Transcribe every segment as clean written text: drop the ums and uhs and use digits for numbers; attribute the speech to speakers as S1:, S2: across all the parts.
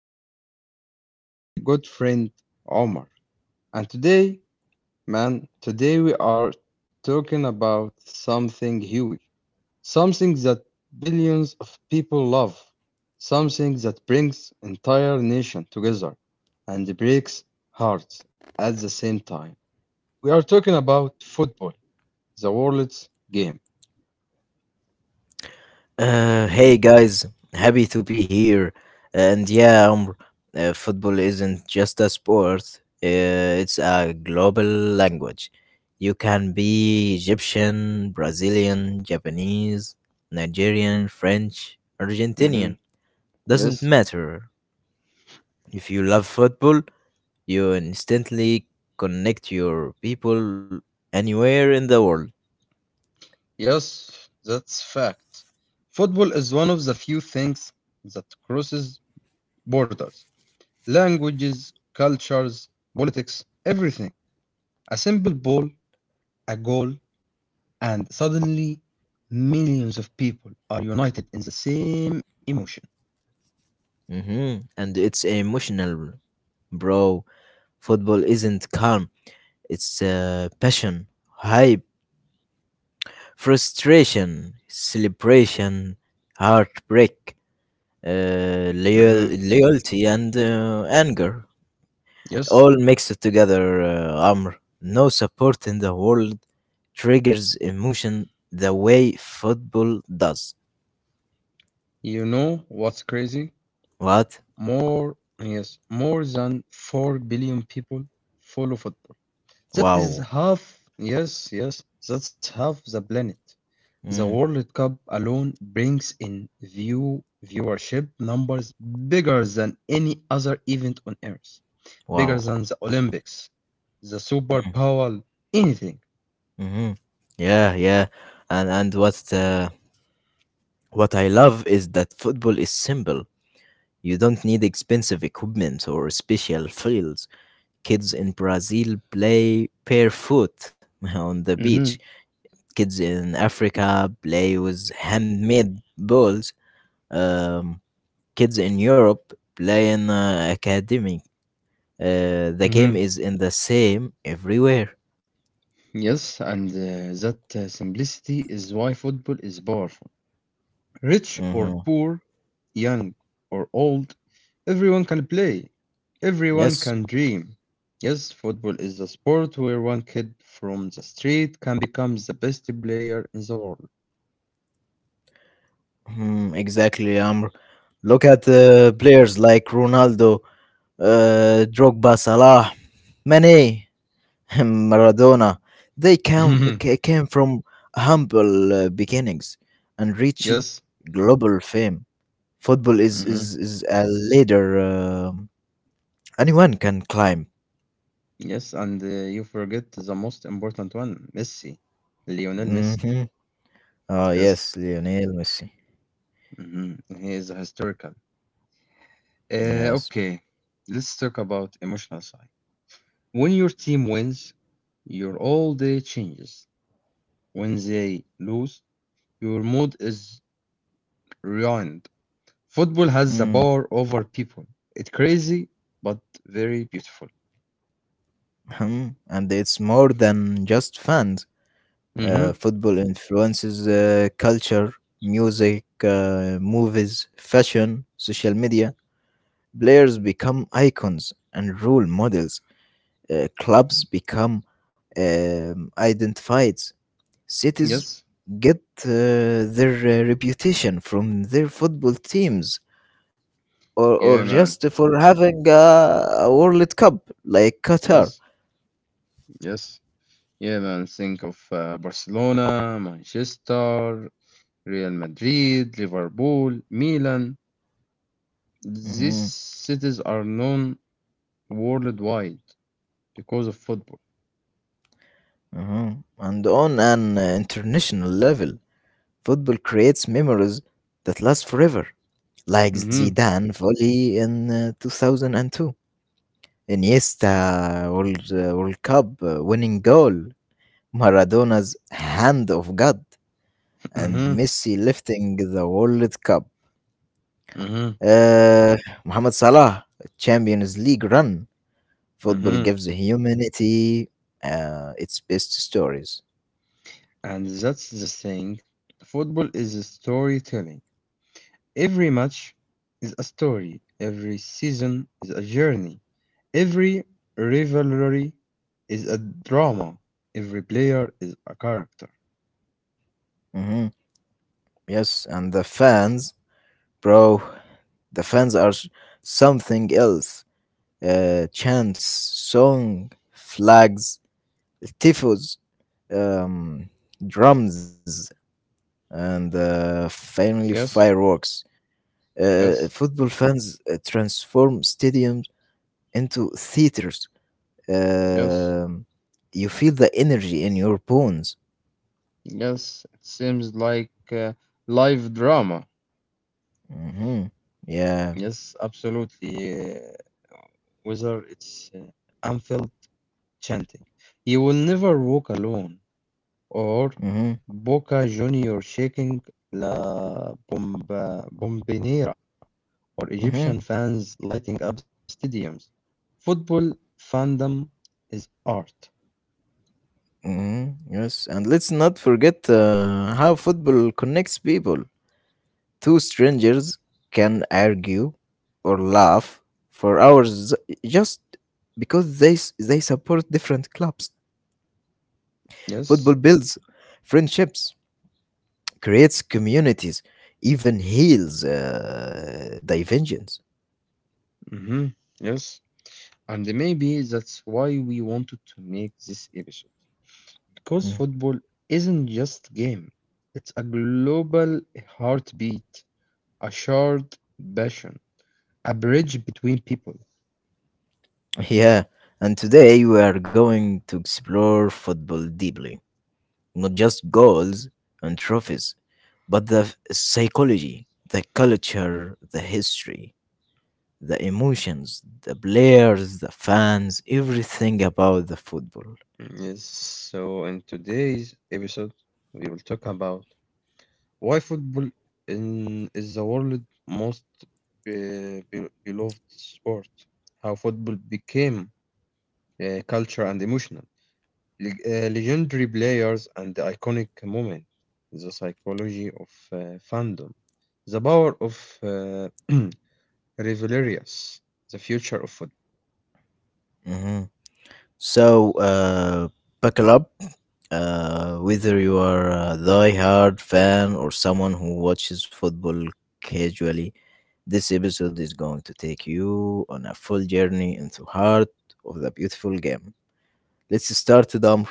S1: is my co host and good friend, Omar. And today, man, today we are talking about something huge, something that billions of people love, something that brings entire nation together and breaks hearts at the same time. We are talking about football, the world's game.
S2: Hey guys, happy to be here. And yeah, football isn't just a sport, it's a global language. You can be Egyptian, Brazilian, Japanese, Nigerian, French, Argentinian.
S1: Hmm.
S2: Doesn't
S1: Yes,
S2: matter. If you love football, you instantly connect your people anywhere in the world.
S1: yes, that's fact. Football is one of the few things that crosses borders, languages, cultures, politics, everything. A simple ball, a goal, and suddenly millions of people are united in the same emotion.
S2: And it's emotional, bro. Football isn't calm. It's passion, hype, frustration, celebration, heartbreak,
S1: Hmm.
S2: loyalty, and anger. All
S1: Yes,
S2: mixed together, Amr. No support in the world triggers emotion the way football does.
S1: you know what's crazy?
S2: What?
S1: Yes, more than 4 billion people follow football. That is
S2: Wow.
S1: half yes, yes, that's half the planet. The
S2: Mm,
S1: World Cup alone brings in viewership numbers bigger than any other event on Earth, bigger
S2: wow.
S1: than the Olympics, the Super Bowl, anything.
S2: Mm-hmm. Yeah, yeah. And what I love is that football is simple. You don't need expensive equipment or special fields. Kids in Brazil play barefoot on the beach.
S1: Hmm.
S2: Kids in Africa play with handmade balls. Um, Kids in Europe play in academy. The game
S1: Hmm.
S2: is in the same everywhere.
S1: Yes, and that simplicity is why football is powerful. Rich or
S2: Hmm.
S1: poor, young or old, everyone can play. Everyone
S2: Yes.
S1: can dream. Yes, football is a sport where one kid from the street can become the best player in the world.
S2: Mhm, exactly, Amr. Look at players like Ronaldo, Drogba, Salah, Mane. Maradona. They came, ca- came from humble beginnings and reached
S1: Yes.
S2: global fame. Football is,
S1: Hmm.
S2: is, is a ladder anyone can climb.
S1: Yes, and you forget the most important one, Messi. Lionel Messi.
S2: Hmm. Oh,
S1: Yes.
S2: yes, Lionel Messi.
S1: Hmm. He is historical.
S2: Yes.
S1: Okay, let's talk about emotional side. When your team wins, your all day changes. When they lose, your mood is ruined. Football has the
S2: Mm,
S1: power over people. It's crazy, but very beautiful.
S2: hmm. And it's more than just fans.
S1: Mm-hmm.
S2: Football influences culture, music, movies, fashion, social media. Players become icons and role models. Clubs become identified. Cities
S1: Yes.
S2: get their reputation from their football teams or,
S1: Yeah,
S2: or
S1: man.
S2: just for having a World Cup like Qatar.
S1: Yes. Yes. Yeah, man, think of Barcelona, Manchester, Real Madrid, Liverpool, Milan. These
S2: Mhm,
S1: cities are known worldwide because of football.
S2: mhm. And on an international level, football creates memories that last forever, like
S1: Mm-hmm.
S2: Zidane volley in 2002, Iniesta World Cup winning goal, Maradona's hand of God and
S1: Mm-hmm.
S2: Messi lifting the World Cup.
S1: Mm-hmm.
S2: Uh, Mohamed Salah, Champions League run. Football
S1: Mm-hmm.
S2: gives humanity its best stories.
S1: And that's the thing. Football is a storytelling. Every match is a story, every season is a journey, every rivalry is a drama, every player is a character.
S2: hmm Yes, and the fans, bro, the fans are something else. Chants, song, flags, tifos, um, drums, and finally
S1: Yes,
S2: fireworks.
S1: yes,
S2: Football fans transform stadiums into theaters.
S1: yes,
S2: Um, you feel the energy in your bones.
S1: yes. It seems like live drama.
S2: Hmm. Yeah.
S1: Yes, absolutely. Whether it's Anfield chanting, "You will never walk alone," or
S2: Hmm.
S1: Boca Junior shaking La Bomba, Bombinera, or
S2: Hmm.
S1: Egyptian fans lighting up stadiums. Football fandom is art.
S2: Hmm. Yes. And let's not forget how football connects people. Two strangers can argue or laugh for hours just because they support different clubs.
S1: Yes.
S2: Football builds friendships, creates communities, even heals divisions.
S1: Hmm. Yes. And maybe that's why we wanted to make this episode. Because
S2: Mm.
S1: football isn't just game, it's a global heartbeat, a shared passion, a bridge between people.
S2: Yeah, and today we are going to explore football deeply, not just goals and trophies, but the psychology, the culture, the history, the emotions, the players, the fans, everything about the football.
S1: Yes. So in today's episode, we will talk about: why football is the world's most beloved sport? How football became culture and emotional. Legendary players and the iconic moment. The psychology of fandom. The power of uh, rivalries. The future of football.
S2: Mm-hmm. So, buckle up. Whether you are a die-hard fan or someone who watches football casually, this episode is going to take you on a full journey into heart of the beautiful game. Let's start, Dom.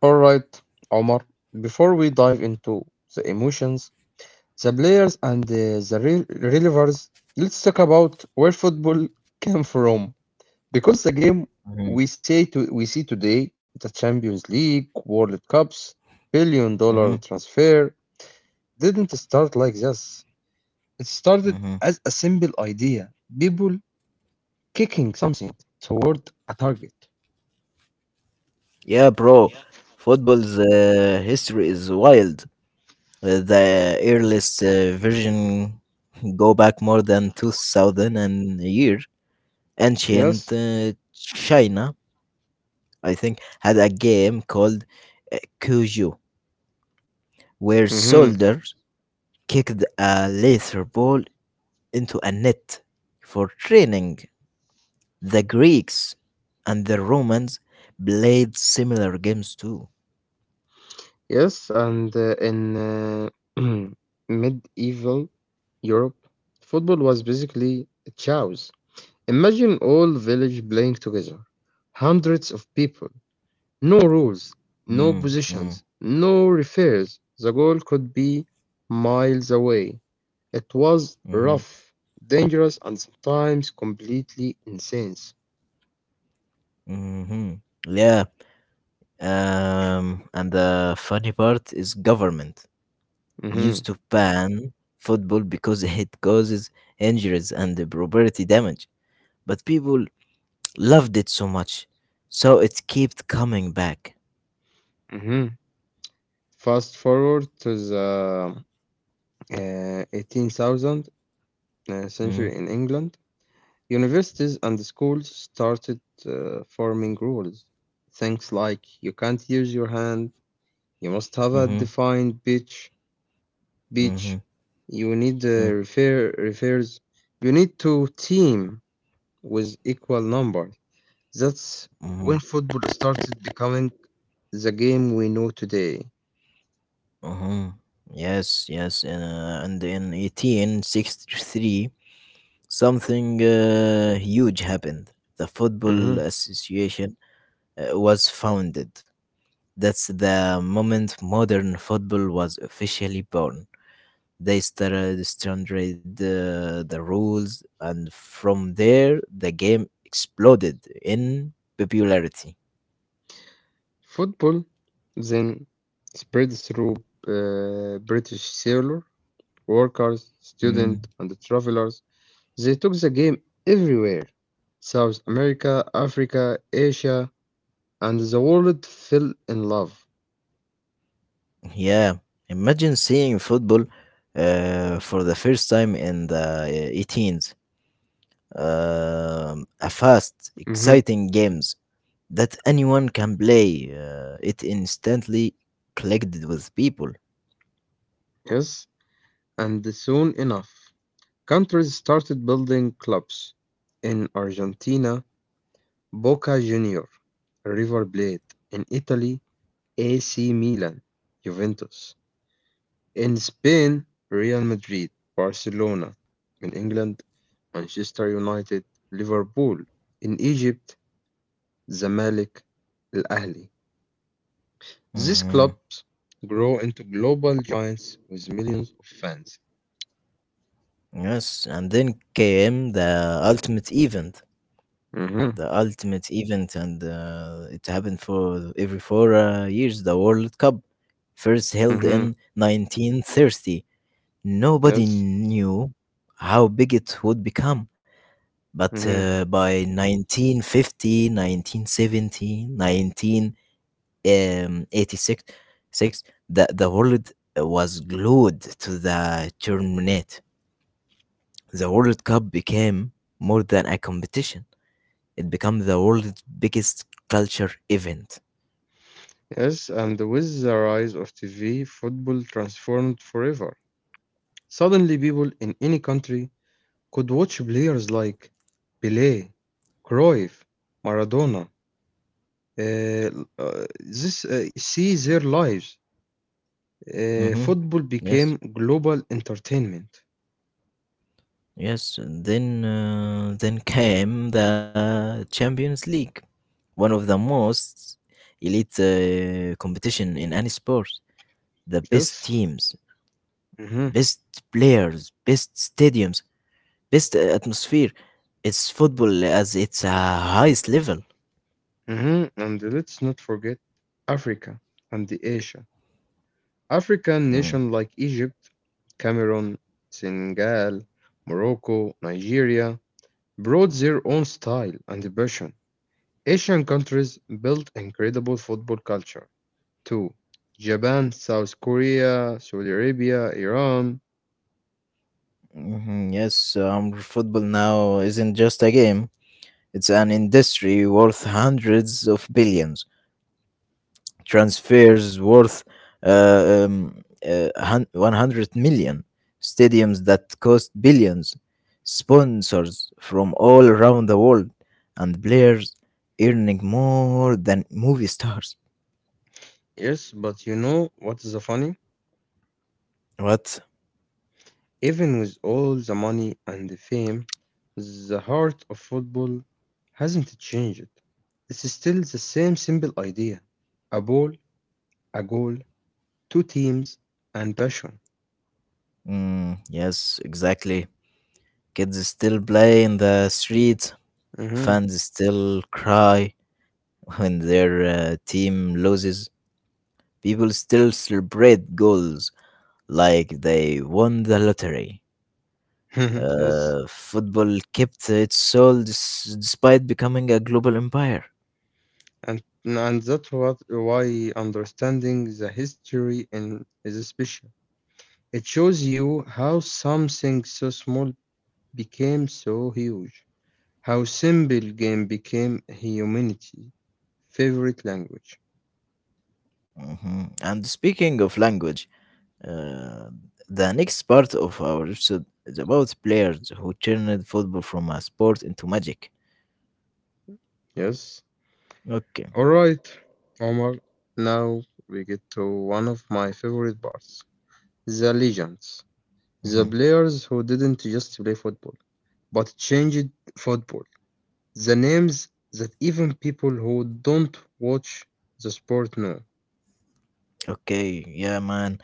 S1: All right, Omar. Before we dive into the emotions the players and the relievers, let's talk about where football came from. Because the game
S2: Hmm.
S1: we see today, the Champions League, World Cups, billion-dollar
S2: Hmm.
S1: transfer, didn't start like this. It started
S2: Hmm.
S1: as a simple idea. People kicking something toward a target.
S2: Yeah, bro.
S1: Yeah.
S2: Football's history is wild. The earliest version go back more than 2000 and a year.
S1: Yes.
S2: Ancient China, I think, had a game called Cujo, where
S1: Hmm.
S2: soldiers kicked a leather ball into a net for training. The Greeks and the Romans played similar games too.
S1: Yes, and in medieval Europe, football was basically a chaos. Imagine all village playing together, hundreds of people, no rules, no
S2: Mm,
S1: positions,
S2: mm,
S1: no referees. The goal could be miles away. It was
S2: mhm,
S1: rough, dangerous, and sometimes completely insane.
S2: mhm. Yeah. And the funny part is government
S1: Mhm,
S2: used to ban football because it causes injuries and the property damage. But people loved it so much, so it kept coming back.
S1: mhm. Fast forward to the 18,000
S2: Mm,
S1: century in England, universities and schools started forming rules. Things like you can't use your hand, you must have a
S2: mhm,
S1: defined pitch.
S2: mhm,
S1: You need
S2: mm,
S1: refers, you need to team with equal number. That's
S2: mhm,
S1: when football started becoming the game we know today.
S2: mhm. Yes, yes, and in 1863, something huge happened. The Football
S1: Mhm.
S2: Association was founded. That's the moment modern football was officially born. They started standard the rules and from there the game exploded in popularity.
S1: Football then spread through British sailor workers,
S2: Mm,
S1: students, and travelers. They took the game everywhere. South America, Africa, Asia, and the world fell in love.
S2: yeah. Imagine seeing football for the first time in the 18s. Um a fast
S1: Mhm.
S2: exciting games that anyone can play it instantly clicked with people.
S1: Yes, and soon enough, countries started building clubs. In Argentina, Boca Junior, River Plate. In Italy, AC Milan, Juventus. In Spain, Real Madrid, Barcelona. In England, Manchester United, Liverpool. In Egypt, Zamalek, Al Ahly. These
S2: Mhm.
S1: clubs grow into global giants with millions of fans.
S2: Yes, and then came the ultimate event
S1: Hmm.
S2: the ultimate event, and it happened for every four years. The World Cup, first held
S1: Hmm.
S2: in 1930,
S1: Yes.
S2: nobody knew how big it would become. But
S1: Hmm.
S2: by 1950, 1970, 1986, six, the world was glued to the tournament. The World Cup became more than a competition. It became the world's biggest culture event.
S1: Yes, and with the rise of TV, football transformed forever. Suddenly, people in any country could watch players like Pelé, Cruyff, Maradona, Uh, this see their lives.
S2: Hmm.
S1: Football
S2: Yes,
S1: became global entertainment.
S2: yes, and then came the Champions League, one of the most elite competition in any sport. The best
S1: Yes.
S2: teams,
S1: Hmm.
S2: best players, best stadiums, best atmosphere. It's football as its highest level.
S1: Hmm. And let's not forget Africa and the Asia. African
S2: Mm.
S1: nations like Egypt, Cameroon, Senegal, Morocco, Nigeria brought their own style and passion. Asian countries built incredible football culture too. Japan, South Korea, Saudi Arabia, Iran.
S2: Mhm, yes, football now isn't just a game. It's an industry worth hundreds of billions, transfers worth uh, um, 100 million, stadiums that cost billions, sponsors from all around the world, and players earning more than movie stars.
S1: Yes, but you know what is the funny?
S2: What?
S1: Even with all the money and the fame, the heart of football hasn't changed. It's still the same simple idea. A ball, a goal, two teams, and passion.
S2: Mm, yes, exactly. Kids still play in the streets,
S1: Mhm.
S2: fans still cry when their team loses, people still celebrate goals like they won the lottery.
S1: Yes.
S2: Football kept its soul despite becoming a global empire.
S1: And why understanding the history is special. It shows you how something so small became so huge. How simple game became humanity's favorite language.
S2: Mhm. And speaking of language, uh, the next part of our episode is about players who turned football from a sport into magic.
S1: Yes.
S2: Okay.
S1: All right, Omar. Now we get to one of my favorite parts, the legends. The
S2: Mhm.
S1: players who didn't just play football, but changed football. The names that even people who don't watch the sport know.
S2: Okay. Yeah, man.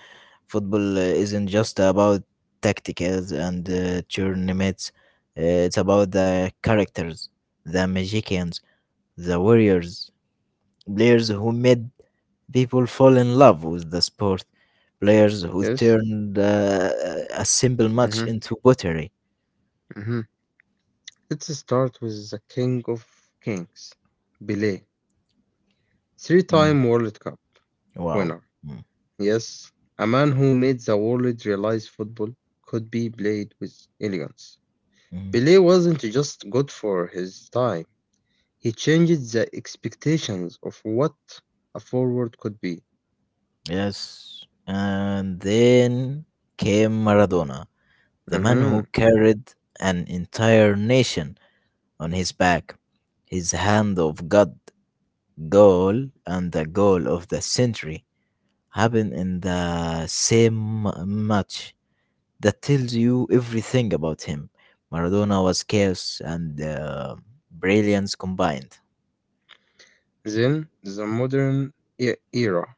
S2: Football isn't just about tacticals and tournaments. It's about the characters, the magicians, the warriors, players who made people fall in love with the sport, players who
S1: Yes?
S2: turned a simple match
S1: Hmm.
S2: into pottery.
S1: Hmm. Let's start with the king of kings, Pelé. Three
S2: Mm.
S1: time World Cup
S2: Wow.
S1: winner.
S2: Mm.
S1: Yes, a man who made the world realize football could be played with elegance.
S2: Mm.
S1: Pelé wasn't just good for his time, he changed the expectations of what a forward could be.
S2: Yes. And then came Maradona, the man
S1: Mhm.
S2: who carried an entire nation on his back, his hand of God goal and the goal of the century happened in the same match. That tells you everything about him. Maradona was chaos and brilliance combined.
S1: Then, the modern era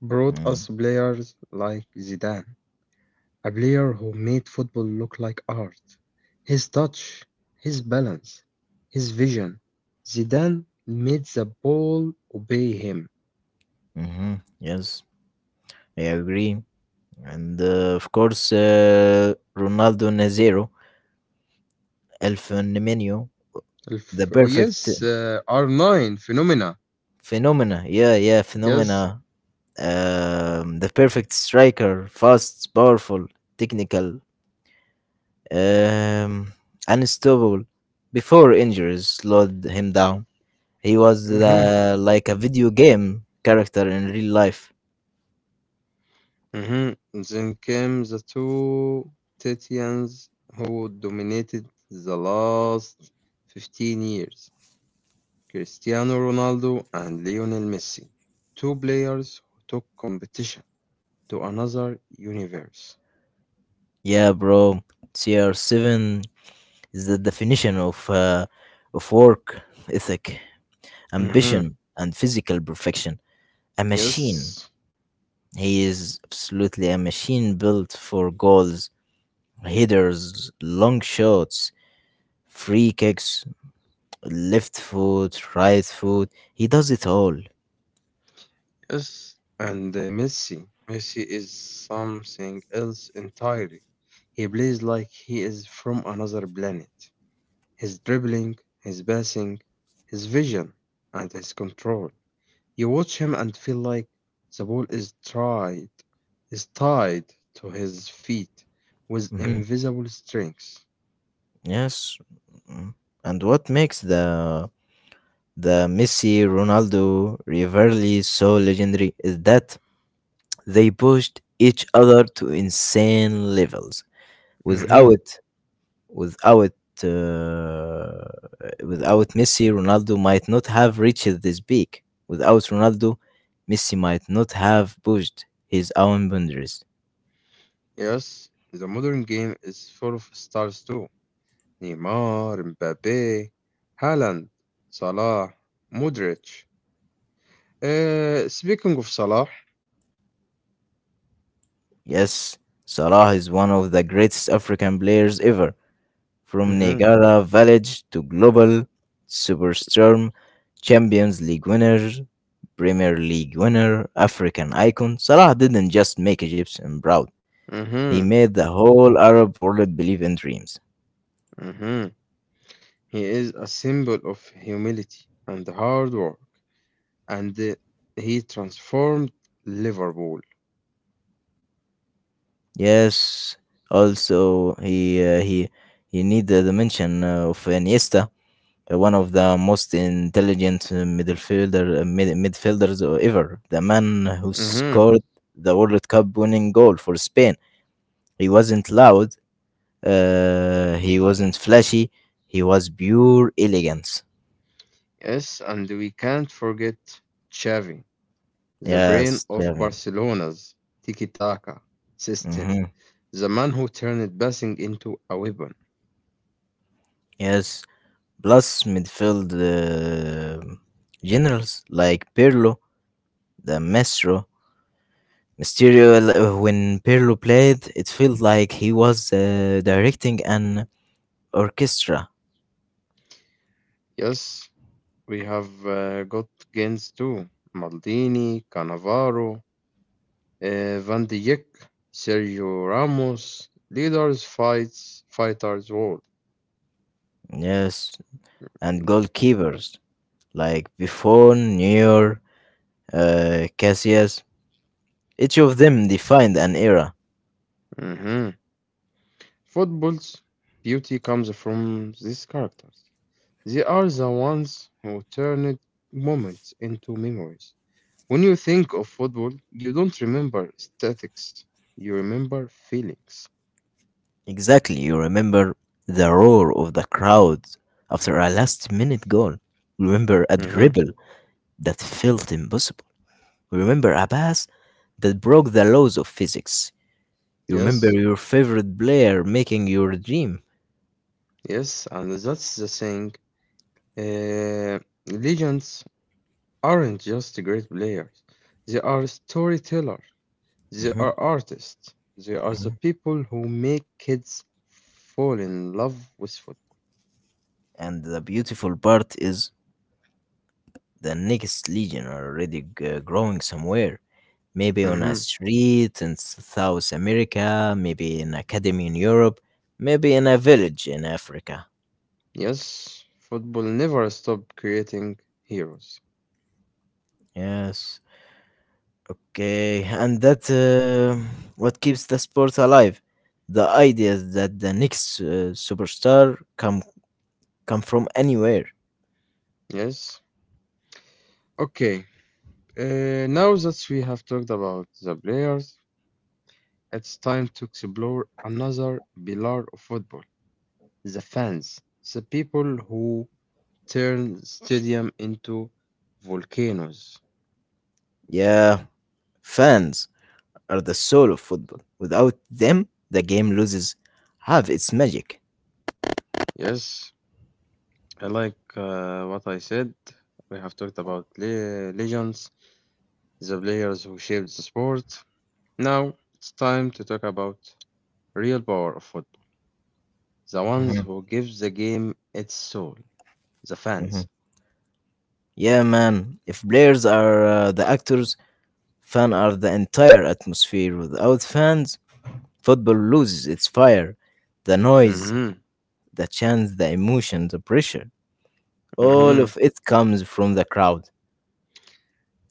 S1: brought
S2: Mm,
S1: us players like Zidane, a player who made football look like art. His touch, his balance, his vision. Zidane made the ball obey him.
S2: mhm, yes, I agree. And of course, Ronaldo Nazero, El Fenomeno, the
S1: Yes,
S2: perfect
S1: R9 Phenomena.
S2: phenomena. Yeah, yeah,
S1: Yes.
S2: phenomena. The perfect striker, fast, powerful, technical, um, unstoppable. Before injuries slowed him down, he was
S1: Mhm,
S2: like a video game character in real life.
S1: mhm. Then came the two Titians who dominated the last 15 years, Cristiano Ronaldo and Lionel Messi, two players who took competition to another universe.
S2: Yeah, bro. CR7 is the definition of work ethic,
S1: Mhm.
S2: ambition, and physical perfection. A machine.
S1: Yes.
S2: He is absolutely a machine built for goals, headers, long shots, free kicks, left foot, right foot. He does it all.
S1: Yes, and Messi is something else entirely. He plays like he is from another planet. His dribbling, his passing, his vision, and his control. You watch him and feel like the ball is tied to his feet with
S2: Hmm.
S1: invisible strings.
S2: Yes. Mm. And what makes the Messi, Ronaldo rivalry so legendary is that they pushed each other to insane levels.
S1: Hmm.
S2: Without without uh, without Messi, Ronaldo might not have reached this peak. Without Ronaldo, Messi might not have pushed his own boundaries.
S1: Yes, the modern game is full of stars too. نيمار، مبابي، هالاند، صلاح، مودريتش. Speaking of Salah.
S2: Yes, Salah is one of the greatest African players ever. From
S1: Mhm.
S2: Niagara Village to global superstorm, Champions League winner, Premier League winner, African icon, Salah didn't just make Egyptian proud. He
S1: Mhm.
S2: made the whole Arab world believe in dreams.
S1: Mhm. He is a symbol of humility and hard work, and he transformed Liverpool.
S2: Yes, also he need the dimension of Iniesta, one of the most intelligent midfielders ever. The man who
S1: Mhm.
S2: scored the World Cup winning goal for Spain. He wasn't loud. He wasn't flashy. He was pure elegance.
S1: Yes, and we can't forget Xavi, the brain
S2: Yes,
S1: of
S2: Jeremy.
S1: Barcelona's tiki-taka system,
S2: Hmm.
S1: the man who turned passing into a weapon.
S2: Yes. Plus midfield generals like Pirlo, the Maestro, Mysterio. When Pirlo played, it felt like he was directing an orchestra.
S1: Yes, we have got gains too. Maldini, Cannavaro, Van de Beek, Sergio Ramos, leaders, fighters, world.
S2: Yes, and goalkeepers like Buffon, Neuer, Casillas, each of them defined an era.
S1: Hmm. Football's beauty comes from these characters. They are the ones who turned moments into memories. When you think of football, you don't remember statics. You remember feelings.
S2: Exactly, you remember the roar of the crowd after a last-minute goal. Remember a
S1: Hmm.
S2: dribble that felt impossible. Remember a pass that broke the laws of physics. You
S1: Yes,
S2: remember your favorite player making your dream.
S1: yes, and that's the thing. Uh, Legends aren't just great players, they are storytellers, they
S2: Mhm,
S1: are artists, they are the
S2: mhm.
S1: people who make kids fall in love with football.
S2: And the beautiful part is the next legion already growing somewhere. Maybe on a
S1: Hmm.
S2: street in South America, maybe in academy in Europe, maybe in a village in Africa.
S1: Yes, football never stopped creating heroes.
S2: Yes. Okay, and that what keeps the sport alive. The idea that the next superstar come from anywhere.
S1: Yes. Okay, now that we have talked about the players, it's time to explore another pillar of football, the fans, the people who turn stadium into volcanoes.
S2: Yeah, fans are the soul of football. Without them, the game loses half its magic.
S1: Yes, I like what I said. We have talked about legends, the players who shaped the sport. Now it's time to talk about real power of football, the
S2: Mhm,
S1: ones who give the game its soul, the
S2: mhm.
S1: fans.
S2: Yeah, man. If players are the actors, fans are the entire atmosphere. Without fans, football loses its fire. The noise,
S1: Hmm.
S2: the chants, the emotion, the pressure. All
S1: Hmm.
S2: of it comes from the crowd.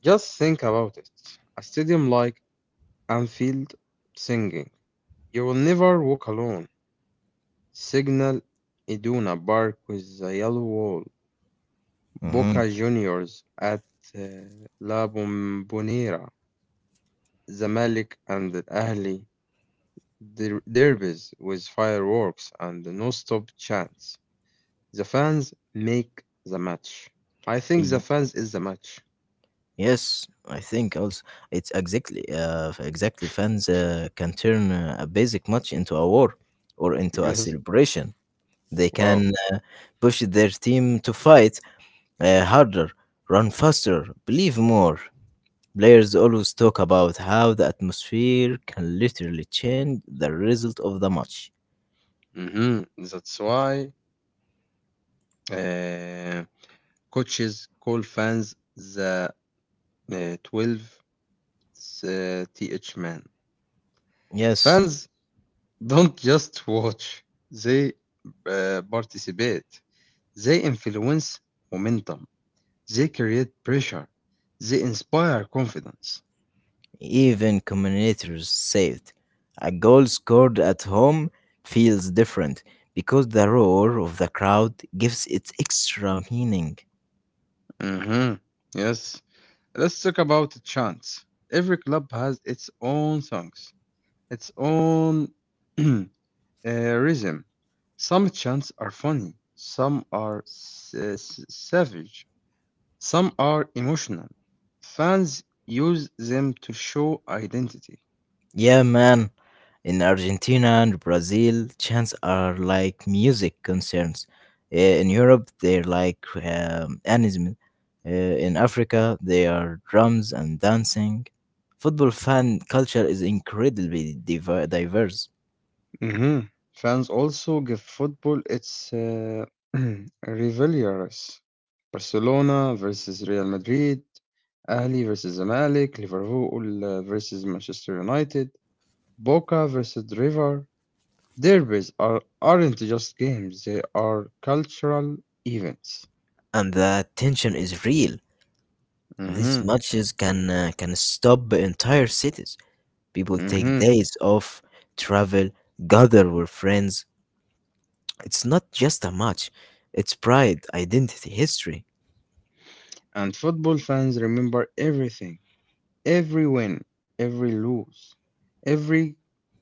S1: Just think about it. A stadium like Anfield singing, "You will never walk alone." Signal Iduna Park with the yellow wall.
S2: Mhm.
S1: Boca Juniors at uh, La Bombonera, Zamalek and Ahli derbies with fireworks and non-stop chants. The fans make the match. I think the fans is the match.
S2: Yes, I think also it's exactly fans can turn a basic match into a war or into a
S1: Yes.
S2: celebration. They can
S1: Wow.
S2: push their team to fight harder, run faster, believe more. Players always talk about how the atmosphere can literally change the result of the match.
S1: Hmm. That's why uh, coaches call fans the 12 th man.
S2: Yes,
S1: Fans don't just watch. They participate. They influence momentum. They create pressure. They inspire confidence.
S2: even communicators say it. A goal scored at home feels different because the roar of the crowd gives it extra meaning.
S1: Hmm. Yes. Let's talk about chants. Every club has its own songs, its own uh, rhythm. Some chants are funny. Some are savage. Some are emotional. Fans use them to show identity.
S2: Yeah, man. In Argentina and Brazil, chants are like music concerns. In Europe, they're like anism. In Africa, they are drums and dancing. Football fan culture is incredibly diverse,
S1: Mhm. Fans also give football its rivalries. Barcelona versus Real Madrid, Ahli versus Zamalek, Liverpool versus Manchester United, Boca versus River. Derbies aren't just games, they are cultural events.
S2: and the tension is real. These
S1: Hmm.
S2: matches can stop entire cities. People take
S1: Hmm.
S2: days off, travel, gather with friends. It's not just a match, it's pride, identity, history.
S1: And football fans remember everything: every win, every lose, every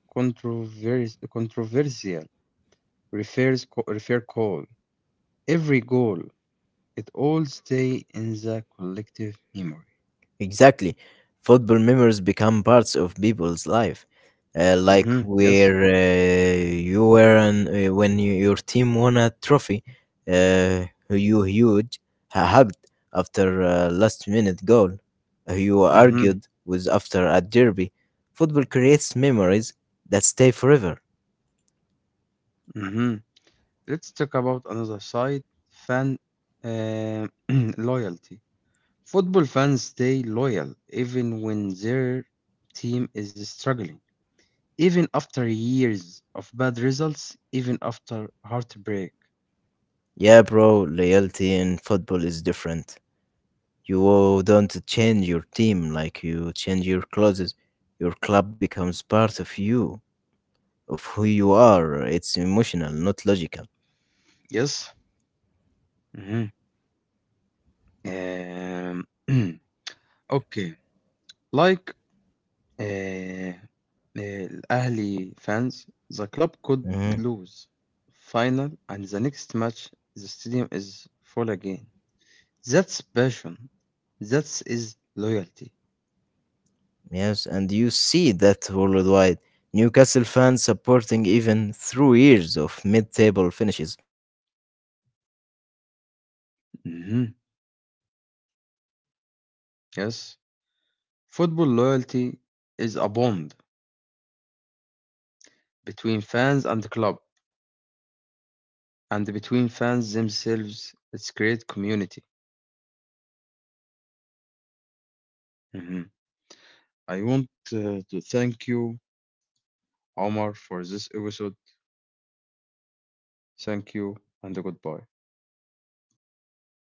S1: controversy, controversial refers, refer call, every goal. It all stay in the collective memory.
S2: Exactly. Football memories become parts of people's life. Like
S1: Mm-hmm. Yes.
S2: where you were an, when you, your team won a trophy, uh, you huge hugged after a last minute goal, you
S1: Mm-hmm.
S2: argued with after a derby. Football creates memories that stay forever.
S1: Mm-hmm. Let's talk about another side, fan uh, loyalty. Football fans stay loyal even when their team is struggling, even after years of bad results, even after heartbreak.
S2: Yeah, bro, loyalty in football is different. You don't change your team like you change your clothes. Your club becomes part of you, of who you are. It's emotional, not logical.
S1: Yes. Mm-hmm. um, okay, like آآ آآ الأهلي fans, the club could
S2: hmm
S1: lose final, and the next match the stadium is full again. That's passion. That is loyalty.
S2: Yes, and you see that worldwide. Newcastle fans supporting even through years of mid-table finishes.
S1: Mhm, yes. Football loyalty is a bond between fans and the club and between fans themselves. It's create community. Mhm. I want to thank you, Omar, for this episode. Thank you and goodbye.